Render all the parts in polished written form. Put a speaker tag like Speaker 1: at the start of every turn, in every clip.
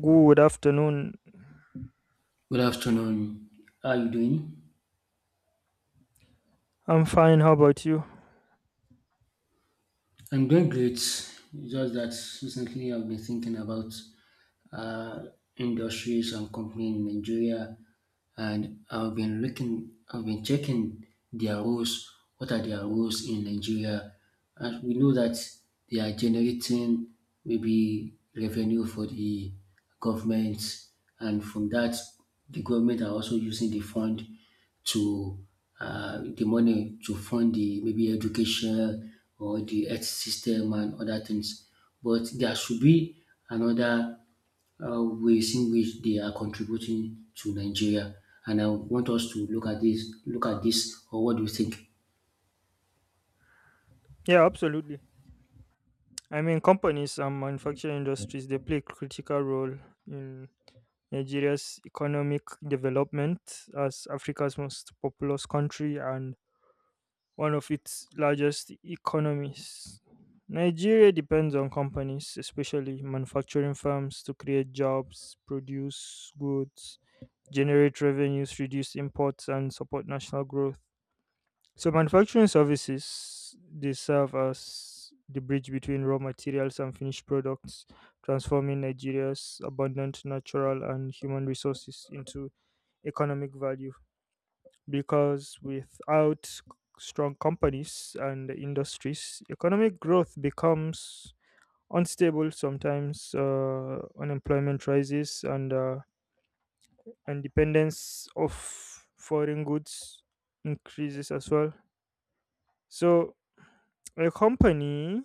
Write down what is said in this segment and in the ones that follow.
Speaker 1: Good afternoon.
Speaker 2: Good afternoon. How are you doing?
Speaker 1: I'm fine. How about you?
Speaker 2: I'm doing great. It's Just that Recently I've been thinking about uh, industries and companies in Nigeria, and I've been checking their roles. What are their roles in Nigeria? And we know that they are generating maybe revenue for the government, and from that the government are also using the fund to, the money to fund the maybe education or the health system and other things. But there should be another, ways in which they are contributing to Nigeria. And I want us to look at this, or what do you think?
Speaker 1: Yeah, absolutely. I mean, companies and manufacturing industries they play a critical role in Nigeria's economic development as Africa's most populous country and one of its largest economies. Nigeria depends on companies, especially manufacturing firms, to create jobs, produce goods, generate revenues, reduce imports, and support national growth. So manufacturing services they serve as the bridge between raw materials and finished products, transforming Nigeria's abundant natural and human resources into economic value. Because without c- strong companies and industries, economic growth becomes unstable. Sometimes unemployment rises, and dependence of foreign goods increases as well. So a company,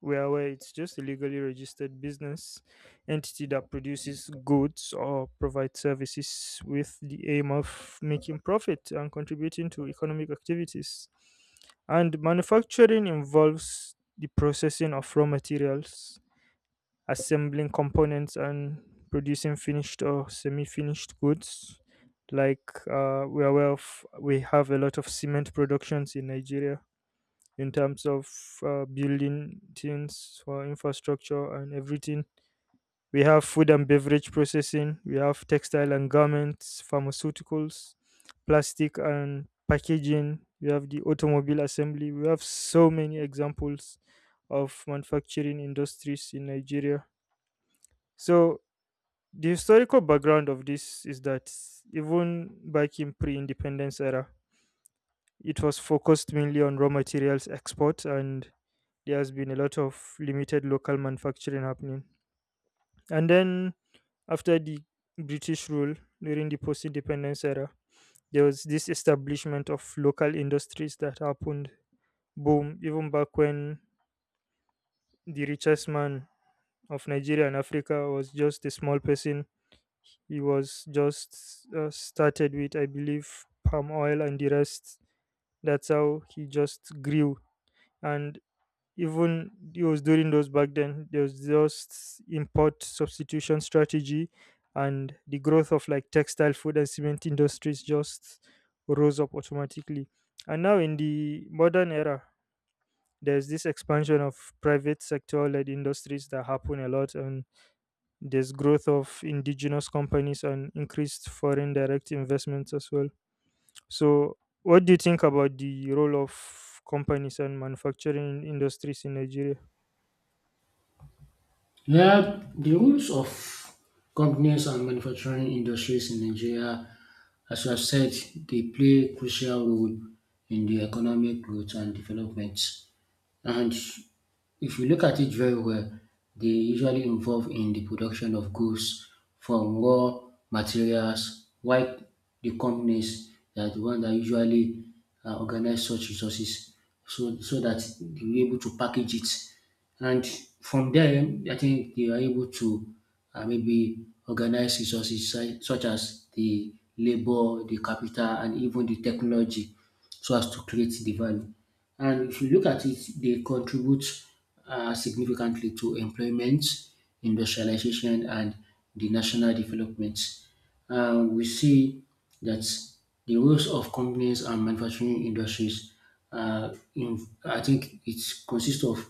Speaker 1: where it's just a legally registered business entity that produces goods or provides services with the aim of making profit and contributing to economic activities. And manufacturing involves the processing of raw materials, assembling components, and producing finished or semi finished goods. Like we are aware of, we have a lot of cement productions in Nigeria in terms of building things for infrastructure and everything. We have food and beverage processing, we have textile and garments, pharmaceuticals, plastic and packaging, we have the automobile assembly. We have so many examples of manufacturing industries in Nigeria. So, the historical background of this is that even back in pre independence era, it was focused mainly on raw materials export and there has been a lot of limited local manufacturing happening. And then after the British rule during the post independence era, there was this establishment of local industries that happened. Boom, even back when the richest man of Nigeria and Africa was just a small person, he was just started with, I believe, palm oil and the rest. That's how he just grew. And even it was during those back then there was just import substitution strategy and the growth of like textile food and cement industries just rose up automatically, and now in the modern era there's this expansion of private sector led industries that happen a lot, and there's growth of indigenous companies and increased foreign direct investments as well. So what do you think about the role of companies and manufacturing industries in Nigeria?
Speaker 2: Yeah, the rules of companies and manufacturing industries in Nigeria, as you have said, they play a crucial role in the economic growth and development. And if you look at it very well, they usually involve in the production of goods from raw materials, while the companies are the one that usually organize such resources so that they will be able to package it. And from there, I think they were able to maybe organize resources such as the labor, the capital, and even the technology, so as to create the value. And if you look at it, they contribute significantly to employment, industrialization, and the national development. Uh, we see that the roles of companies and manufacturing industries, uh, in, I think it consists of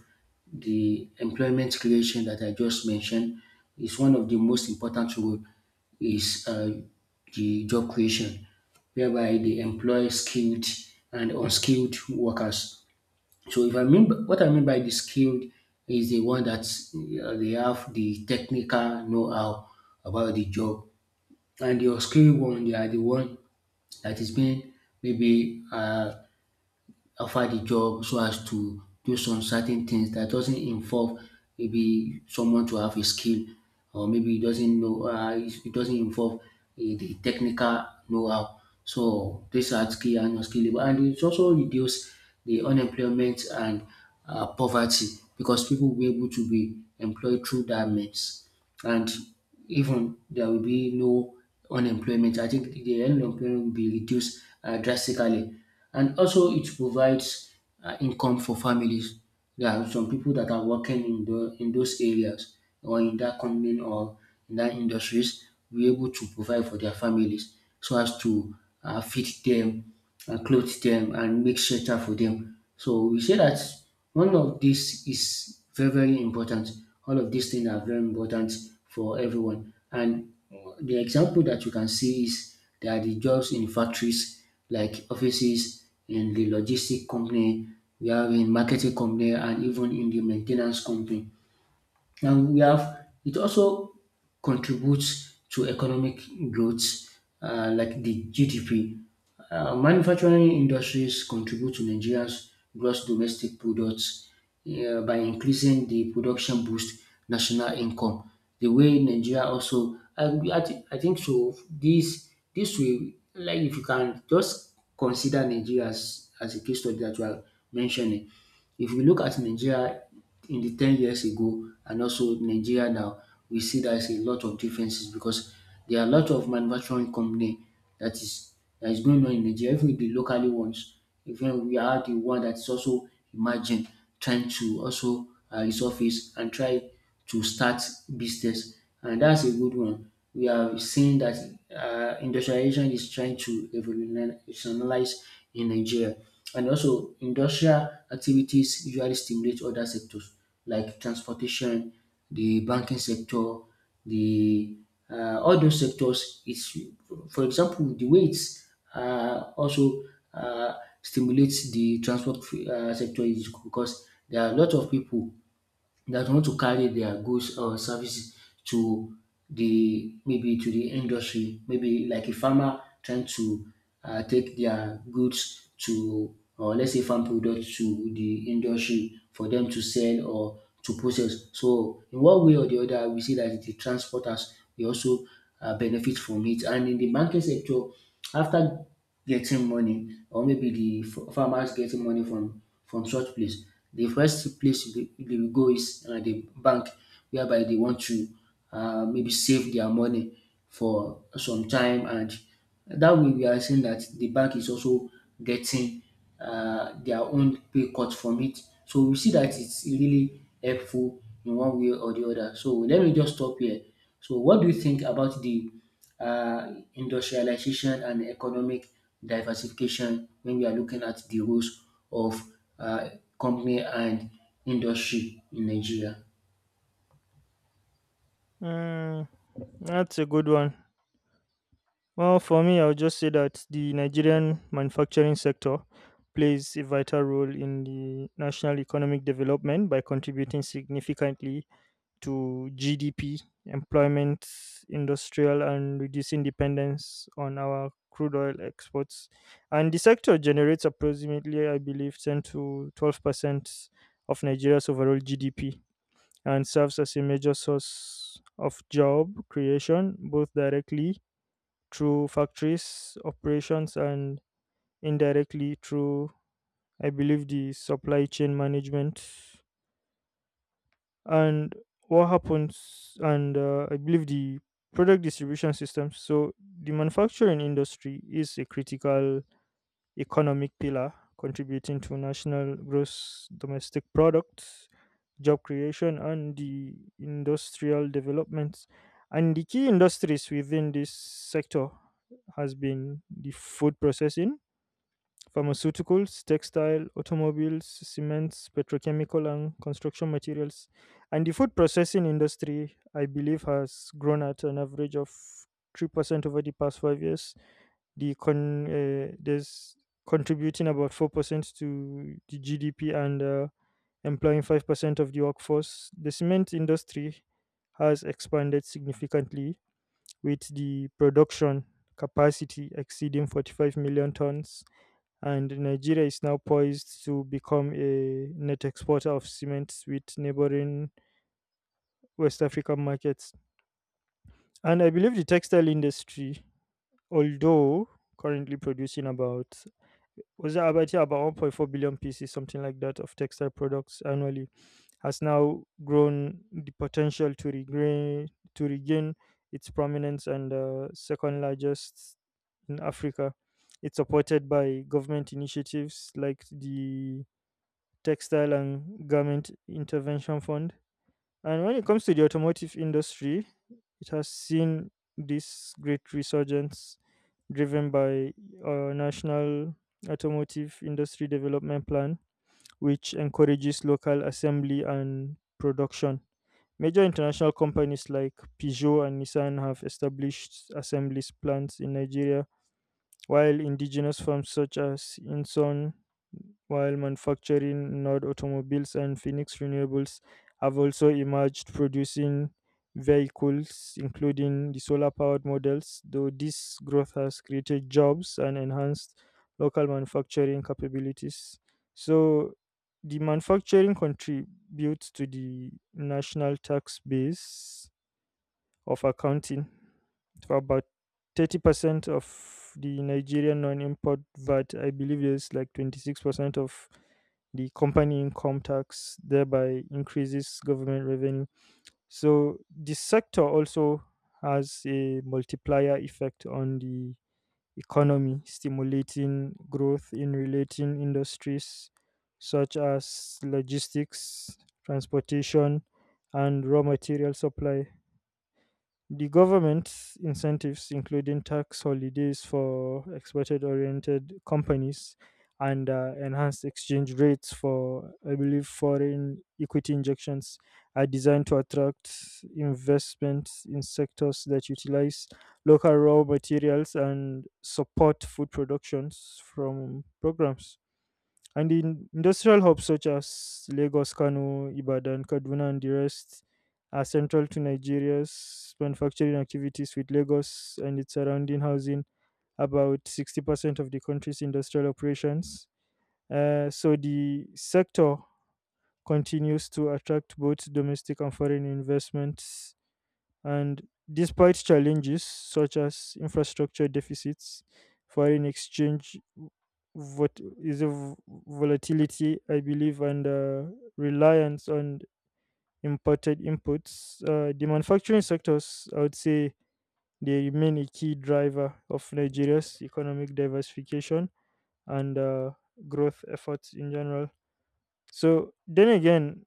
Speaker 2: the employment creation that I just mentioned. Is one of the most important role is the job creation, whereby they employ skilled and unskilled workers. So if I mean by, what I mean by the skilled is the one that they have the technical know-how about the job. And the skilled one, they are the one that is being maybe offered the job so as to do some certain things that doesn't involve maybe someone to have a skill, or maybe e doesn't know, it doesn't involve the technical know-how. So these are skill and unskilled labour, and it also reduce the unemployment and poverty, because people will be able to be employed through that means, and even there will be no unemployment. I think the unemployment will be reduced drastically. And also it provides income for families. There are some people that are working in in those areas, or in that company, or in that industries, be able to provide for their families, so as to feed them, clothe them, and make shelter for them. So we say that one of this is very, very important. All of these things are very important for everyone. And the example that you can see is there are the jobs in factories, like offices, in the logistic company, we have in marketing company, and even in the maintenance company. And we have, it also contributes to economic growth, like the GDP. Manufacturing industries contribute to Nigeria's gross domestic products by increasing the production, boost national income. The way Nigeria also, I think so. This way, like if you can just consider Nigeria as a case study that you are mentioning. If we look at Nigeria in the 10 years ago and also Nigeria now, we see that is a lot of differences, because there are a lot of manufacturing company that is that is going on in Nigeria. Even the locally ones, even we are the one that is also emerging, trying to also resurface and try to start business, and that's a good one. We are seeing that industrialization is trying to revolutionize in Nigeria. And also, industrial activities usually stimulate other sectors, like transportation, the banking sector, the all those sectors. It's, for example, the way it's also uh, stimulates the transport sector is because there are a lot of people that want to carry their goods or services to the maybe to the industry, maybe like a farmer trying to take their goods to, or let's say farm products to the industry for them to sell or to process. So in one way or the other, we see that the transporters, they also benefit from it. And in the banking sector, after getting money, or maybe the farmers getting money from such place. The first place they will go is the bank, whereby they want to maybe save their money for some time. And that way we are saying that the bank is also getting their own pay cut from it. So we see that it's really helpful in one way or the other. So let me just stop here. So what do you think about the uh, industrialization and economic diversification when we are looking at the roles of uh, company and industry in Nigeria?
Speaker 1: Mm, that's a good one. Well, for me, I'll just say that the Nigerian manufacturing sector plays a vital role in the national economic development by contributing significantly to GDP, employment, industrial, and reducing dependence on our crude oil exports. And the sector generates approximately, I believe, 10 to 12% of Nigeria's overall GDP and serves as a major source of job creation, both directly through factories operations and indirectly through, I believe, the supply chain management. And what happens, and I believe the product distribution systems. So, the manufacturing industry is a critical economic pillar contributing to national gross domestic product, job creation, and the industrial development. And the key industries within this sector has been the food processing, pharmaceuticals, textile, automobiles, cements, petrochemical, and construction materials. And the food processing industry, I believe, has grown at an average of 3% over the past five years, the con there's contributing about 4% to the GDP and employing 5% of the workforce. The cement industry has expanded significantly with the production capacity exceeding 45 million tons, and Nigeria is now poised to become a net exporter of cement with neighboring West African markets. And I believe the textile industry, although currently producing about, was that about, yeah, about 1.4 billion pieces, something like that, of textile products annually, has now grown the potential to regain its prominence and second largest in Africa. It's supported by government initiatives like the Textile and Garment Intervention Fund. And when it comes to the automotive industry, it has seen this great resurgence driven by a national automotive industry development plan, which encourages local assembly and production. Major international companies like Peugeot and Nissan have established assembly plants in Nigeria, while indigenous firms such as Inson, while manufacturing Nord Automobiles and Phoenix Renewables have also emerged producing vehicles, including the solar powered models, though this growth has created jobs and enhanced local manufacturing capabilities. So, the manufacturing contributes to the national tax base of accounting for about 30% of the Nigerian non import VAT. I believe there's like 26% of the company income tax, thereby increases government revenue. So the sector also has a multiplier effect on the economy, stimulating growth in relating industries such as logistics, transportation, and raw material supply. The government's incentives, including tax holidays for exported oriented companies and enhanced exchange rates for, I believe, foreign equity injections, are designed to attract investments in sectors that utilize local raw materials and support food productions from programs. And in industrial hubs such as Lagos, Kano, Ibadan, Kaduna, and the rest are central to Nigeria's manufacturing activities, with Lagos and its surrounding housing about 60% of the country's industrial operations. So the sector continues to attract both domestic and foreign investments and despite challenges such as infrastructure deficits, foreign exchange what is a v- volatility, I believe, and reliance on imported inputs. The manufacturing sectors, I would say, they remain a key driver of Nigeria's economic diversification and growth efforts in general. So then again,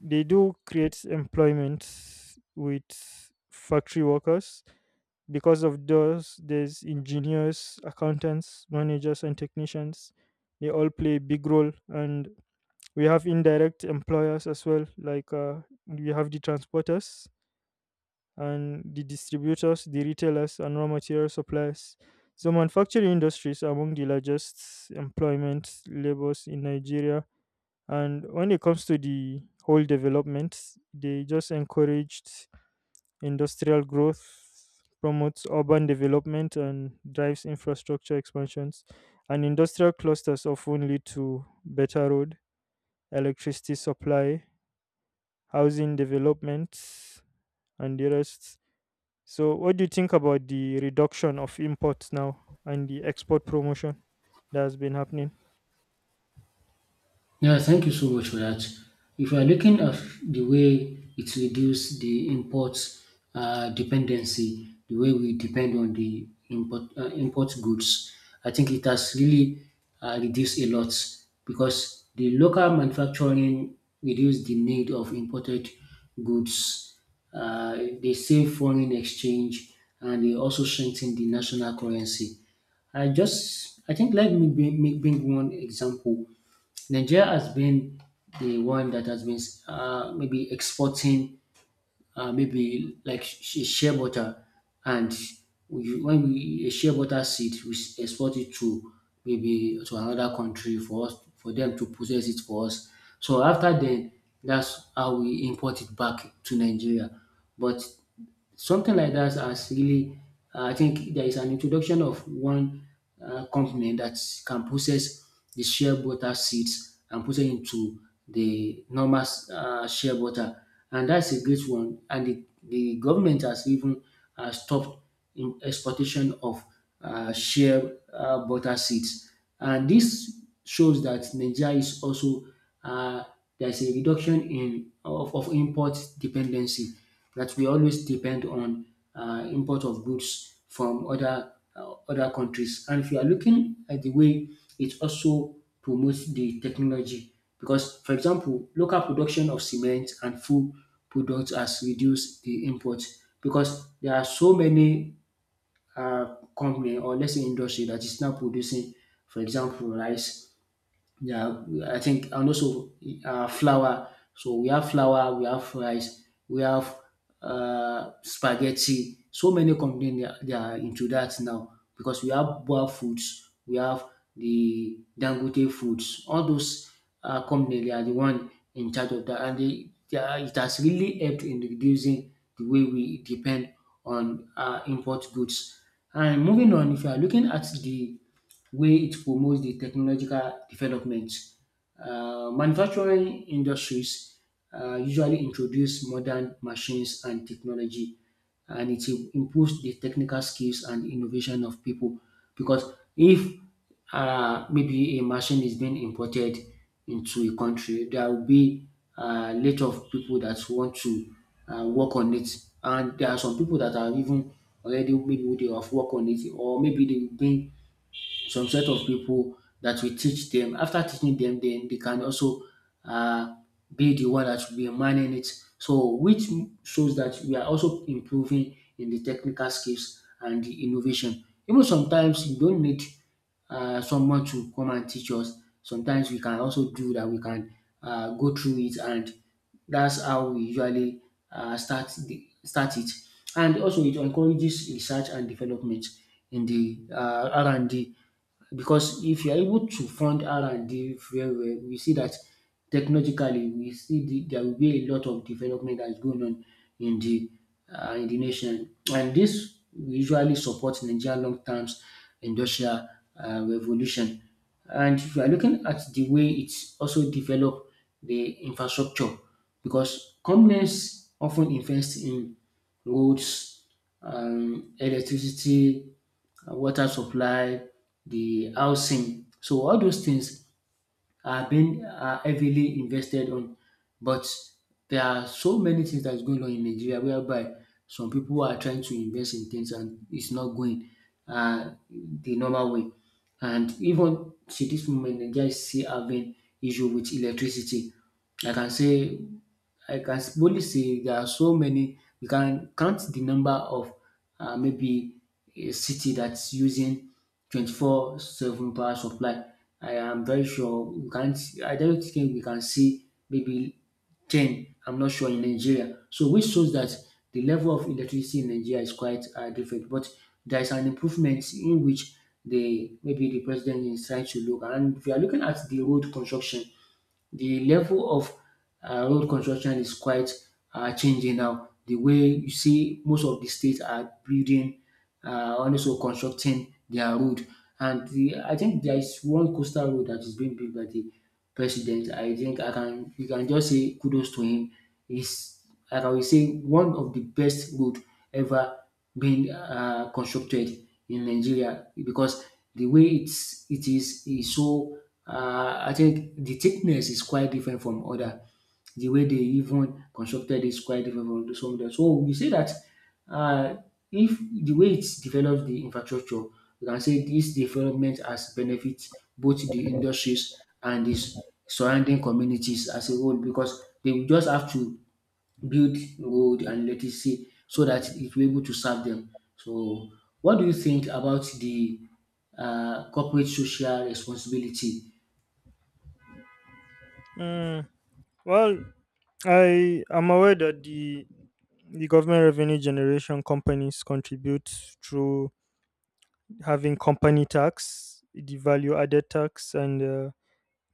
Speaker 1: they do create employment with factory workers. Because of those, there's engineers, accountants, managers, and technicians. They all play a big role, and we have indirect employers as well. Like we have the transporters and the distributors, the retailers, and raw material suppliers. So manufacturing industries are among the largest employment labors in Nigeria. And when it comes to the whole development, they just encouraged industrial growth, promotes urban development and drives infrastructure expansions. And industrial clusters often lead to better road, electricity supply, housing developments, and the rest. So, what do you think about the reduction of imports now and the export promotion that has been happening?
Speaker 2: Yeah, thank you so much for that. If you are looking at the way it reduce the import dependency, the way we depend on the import import goods, I think it has really reduced a lot, because the local manufacturing reduced the need of imported goods. They save foreign exchange and they also strengthen the national currency. I think let me bring one example. Nigeria has been the one that has been maybe exporting maybe like shea butter. And we, when we a shea butter seed, we export it to maybe to another country for us, for them to process it for us. So after then, that's how we import it back to Nigeria. But something like that has really, I think there is an introduction of one company that can process the shea butter seeds and put it into the normal shea butter. And that's a great one. And the government has even stopped in exportation of shea butter seeds. And this shows that Nigeria is also, uh, there's a reduction in of import dependency that we always depend on, import of goods from other other countries. And if you are looking at the way it also promotes the technology, because, for example, local production of cement and food products has reduced the import, because there are so many company, or let's say industry, that is now producing, for example, rice, yeah, I think, and also flour. So we have flour, we have rice, we have spaghetti. So many companies, they are into that now, because we have boil foods, we have the Dangote foods. All those companies, they are the one in charge of that, and they are, it has really helped in reducing the way we depend on import goods. And moving on, if you are looking at the where it promotes the technological development. Manufacturing industries usually introduce modern machines and technology, and it improves the technical skills and innovation of people. Because if maybe a machine is being imported into a country, there will be a lot of people that want to work on it. And there are some people that are even already, maybe they have worked on it, or maybe they will bring some set of people that we teach them. After teaching them, then they can also uh, be the one that will be manning it. So, which shows that we are also improving in the technical skills and the innovation. Even sometimes you don't need someone to come and teach us. Sometimes we can also do that. We can go through it, and that's how we usually start it. And also, it encourages research and development, in the R and D. Because if you are able to fund R&D very well, we see that technologically, there will be a lot of development that is going on in the in the nation, and this will usually supports Nigeria long term industrial revolution. And if you are looking at the way it's also develop the infrastructure, because companies often invest in roads, electricity, water supply, the housing. So all those things are heavily invested on. But there are so many things that's going on in Nigeria, whereby some people are trying to invest in things and it's not going the normal way. And even to this moment, Nigeria is still having issue with electricity. I can say I can boldly say there are so many. You can count the number of maybe a city that's using 24/7 power supply. I am very sure we can't, I don't think we can see maybe 10, I'm not sure, in Nigeria. So, which shows that the level of electricity in Nigeria is quite different. But there is an improvement in which the maybe the president is trying to look. And if you are looking at the road construction, the level of road construction is quite changing now. The way you see, most of the states are building and also constructing their road. And I think there is one coastal road that is being built by the president. I think I can you can just say kudos to him. He's like, I will say, one of the best road ever being constructed in Nigeria, because the way it is so I think the thickness is quite different from other. The way they even constructed is quite different from some of dem. So we say that uh if the way it develop the infrastructure, we can say this development has benefit both the industries and the surrounding communities as a whole, because they will just have to build gold and let it see, so that it will be able to serve them. So what do you think about the corporate social responsibility?
Speaker 1: Mm, well, I am aware that the government revenue generation companies contribute through having company tax, the value added tax, and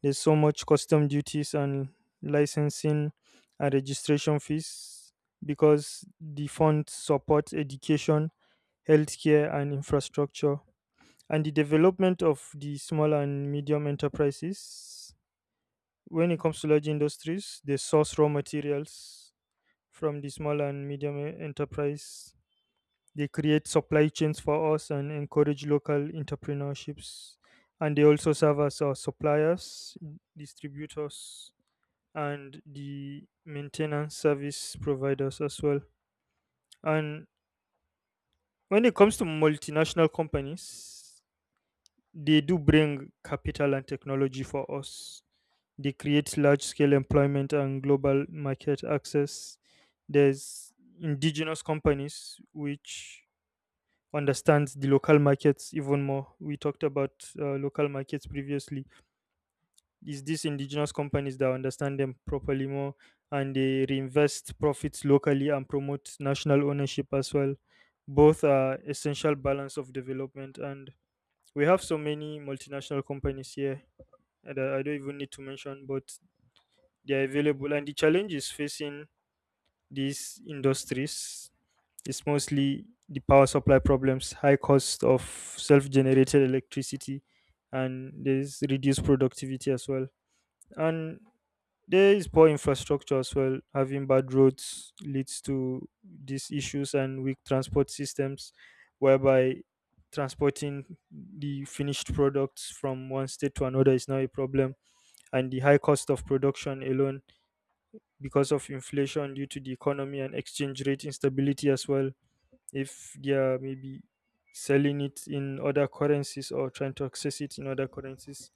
Speaker 1: there's so much custom duties and licensing and registration fees because the fund supports education, healthcare, and infrastructure. And the development of the small and medium enterprises. When it comes to large industries, they source raw materials from the small and medium enterprise, they create supply chains for us and encourage local entrepreneurships. And they also serve as our suppliers, distributors, and the maintenance service providers as well. And when it comes to multinational companies, they do bring capital and technology for us. They create large scale employment and global market access. There's indigenous companies which understands the local markets even more. We talked about local markets previously. Is these indigenous companies that understand them properly more and they reinvest profits locally and promote national ownership as well. Both are essential balance of development and we have so many multinational companies here that I don't even need to mention, but they are available. And the challenge is facing these industries, it's mostly the power supply problems, high cost of self generated electricity, and there's reduced productivity as well. And there is poor infrastructure as well. Having bad roads leads to these issues and weak transport systems, whereby transporting the finished products from one state to another is now a problem. And the high cost of production alone, because of inflation due to the economy and exchange rate instability as well, if they are maybe selling it in other currencies or trying to access it in other currencies.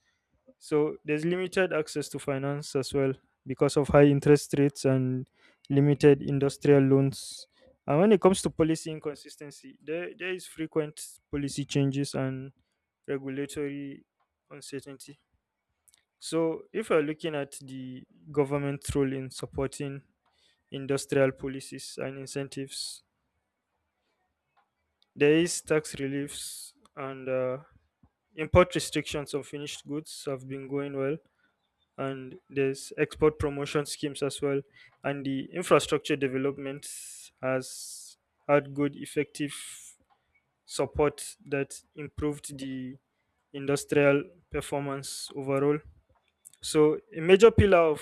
Speaker 1: So there's limited access to finance as well because of high interest rates and limited industrial loans. And when it comes to policy inconsistency, there is frequent policy changes and regulatory uncertainty. So if you're looking at the government's role in supporting industrial policies and incentives, there is tax reliefs and import restrictions on finished goods have been going well, and there's export promotion schemes as well, and the infrastructure development has had good effective support that improved the industrial performance overall. So, a major pillar of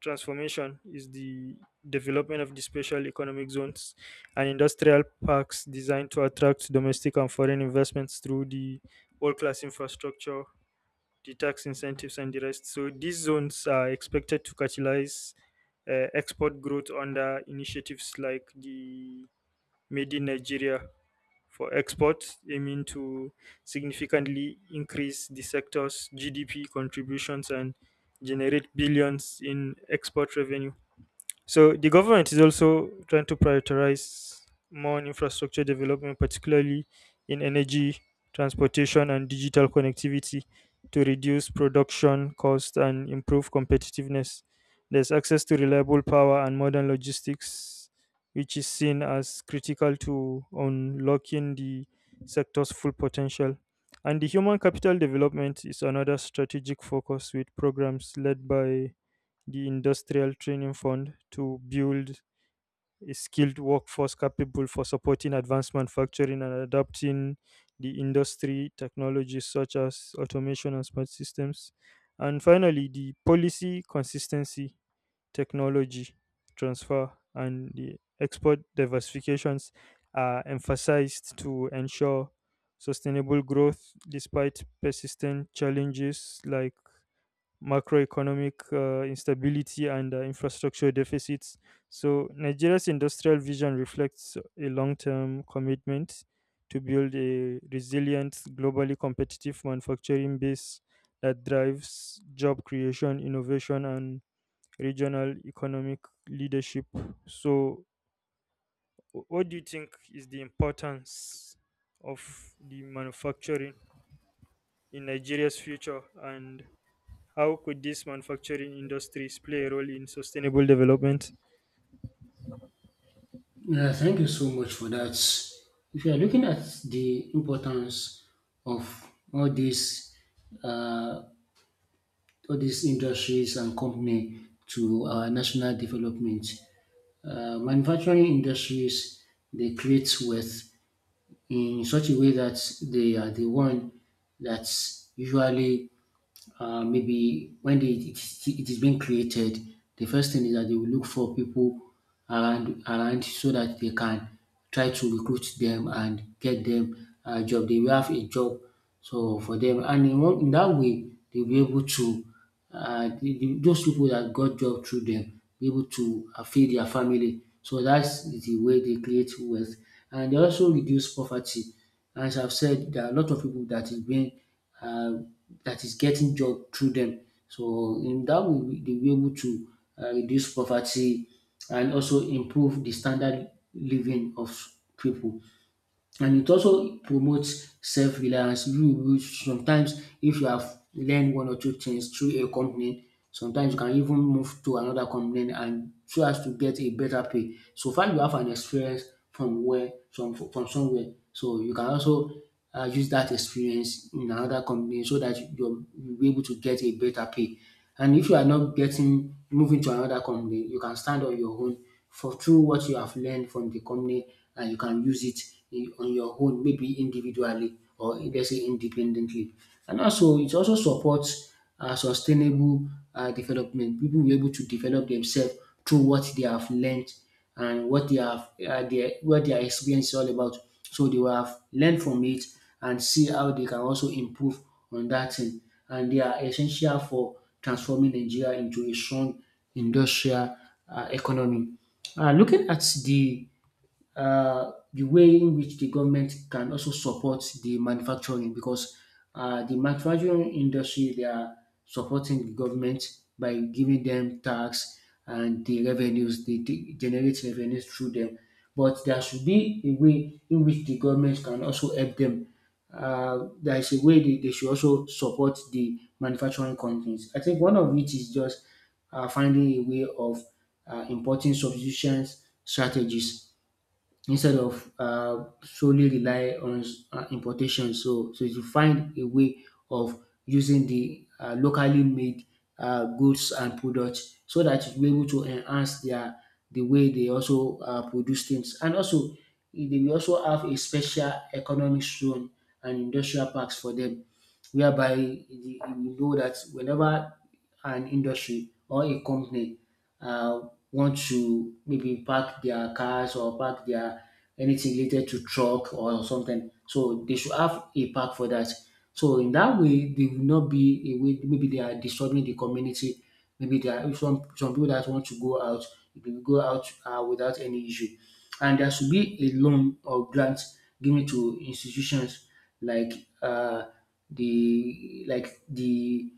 Speaker 1: transformation is the development of the special economic zones and industrial parks designed to attract domestic and foreign investments through the world class infrastructure, the tax incentives, and the rest. So, these zones are expected to catalyze export growth under initiatives like the Made in Nigeria for exports, aiming to significantly increase the sector's GDP contributions and generate billions in export revenue. So the government is also trying to prioritize more on infrastructure development, particularly in energy, transportation, and digital connectivity to reduce production cost and improve competitiveness. There's access to reliable power and modern logistics, which is seen as critical to unlocking the sector's full potential. And the human capital development is another strategic focus with programs led by the Industrial Training Fund to build a skilled workforce capable for supporting advanced manufacturing and adapting the industry technologies such as automation and smart systems. And finally, the policy consistency, technology transfer, and the export diversifications are emphasized to ensure sustainable growth despite persistent challenges like macroeconomic instability and infrastructure deficits. So, Nigeria's industrial vision reflects a long term commitment to build a resilient, globally competitive manufacturing base that drives job creation, innovation, and regional economic leadership. So, what do you think is the importance of the manufacturing in Nigeria's future and how could these manufacturing industries play a role in sustainable development?
Speaker 2: Yeah, thank you so much for that. If you are looking at the importance of all these industries and company to our national development, manufacturing industries, they create wealth in such a way that they are the one that usually maybe when it is being created, the first thing is that they will look for people around, so that they can try to recruit them and get them a job. They will have a job so for them, and in that way, they'll be able to uh, those people that got job through them be able to feed their family. So that's the way they create wealth, and they also reduce poverty. As I've said, there are a lot of people that is being uh, that is getting job through them. So in that way, they will be able to reduce poverty and also improve the standard living of people, and it also promotes self-reliance. You will sometimes, if you have learned one or two things through a company, sometimes you can even move to another company, and so as to get a better pay. So far you have an experience from where, from somewhere. So you can also use that experience in another company so that you'll be able to get a better pay. And if you are not getting moving to another company, you can stand on your own for through what you have learned from the company, and you can use it in, on your own, maybe individually, or let's say independently. And also, it also supports sustainable development. People will be able to develop themselves through what they have learned and what they have their what their experience is all about. So they will have learned from it and see how they can also improve on that thing. And they are essential for transforming Nigeria into a strong industrial economy. Looking at the way in which the government can also support the manufacturing, because the manufacturing industry, they are supporting the government by giving them tax, and the revenues they generate revenues through them. But there should be a way in which the government can also help them. There is a way they should also support the manufacturing companies. I think one of it is just finding a way of importing substitution strategies, instead of solely rely on importation. So, to find a way of using the locally made goods and products, so that you'll be able to enhance their the way they also produce things. And also, they will also have a special economic zone and industrial parks for them, whereby you know that whenever an industry or a company uh, want to maybe park their cars or park their anything related to truck or something. So they should have a park for that. So in that way, they will not be a way. Maybe they are disturbing the community. Maybe there are some people that want to go out. They will go out without any issue, and there should be a loan or grant given to institutions like uh, the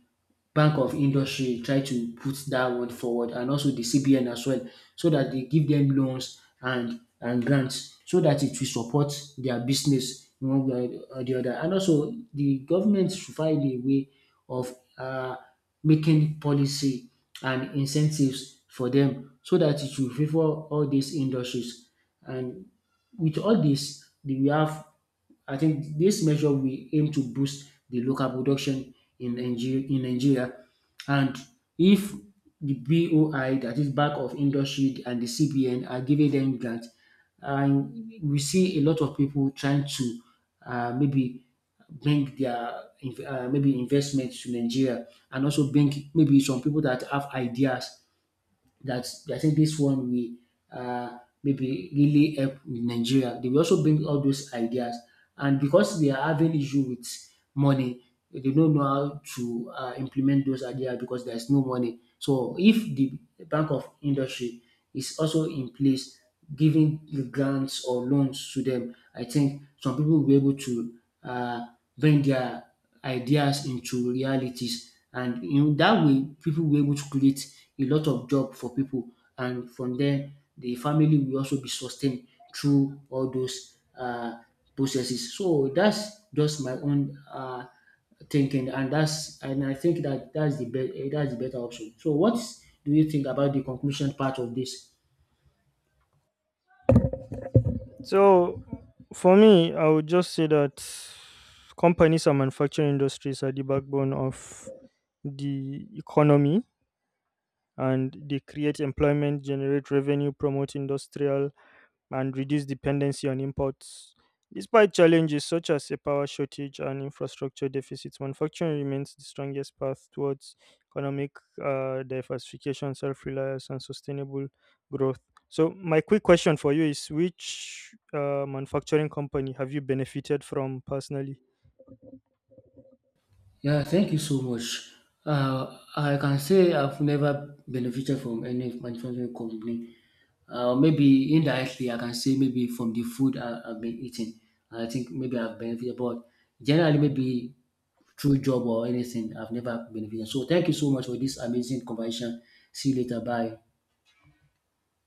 Speaker 2: Bank of Industry try to put that one forward, and also the CBN as well, so that they give them loans and grants, so that it will support their business in one way or the other. And also, the government should find a way of making policy and incentives for them so that it will favour all these industries. And with all this we have, I think this measure will aim to boost the local production in Nigeria. And if the BOI, that is back of industry, and the CBN are giving them grants, and we see a lot of people trying to maybe bring their maybe investments to Nigeria, and also bring maybe some people that have ideas, that I think this one will maybe really help Nigeria. They will also bring all those ideas, and because they are having issue with money, they don't know how to implement those ideas because there is no money. So if the Bank of Industry is also in place, giving the grants or loans to them, I think some people will be able to uh, bring their ideas into realities, and in that way people will be able to create a lot of job for people, and from there the family will also be sustained through all those processes. So that's just my own thinking, and that's and I think that that's the better option. So what do you think about the conclusion part of this?
Speaker 1: So, for me, I would just say that companies and manufacturing industries are the backbone of the economy and they create employment, generate revenue, promote industrial and reduce dependency on imports. Despite challenges such as a power shortage and infrastructure deficits, manufacturing remains the strongest path towards economic diversification, self reliance, and sustainable growth. So, my quick question for you is which manufacturing company have you benefited from personally?
Speaker 2: Yeah, thank you so much. I can say I've never benefited from any manufacturing company. Maybe indirectly, I can say maybe from the food I've been eating. I think maybe I've benefited, but generally, maybe through job or anything, I've never benefited. So, thank you so much for this amazing conversation. See you later. Bye.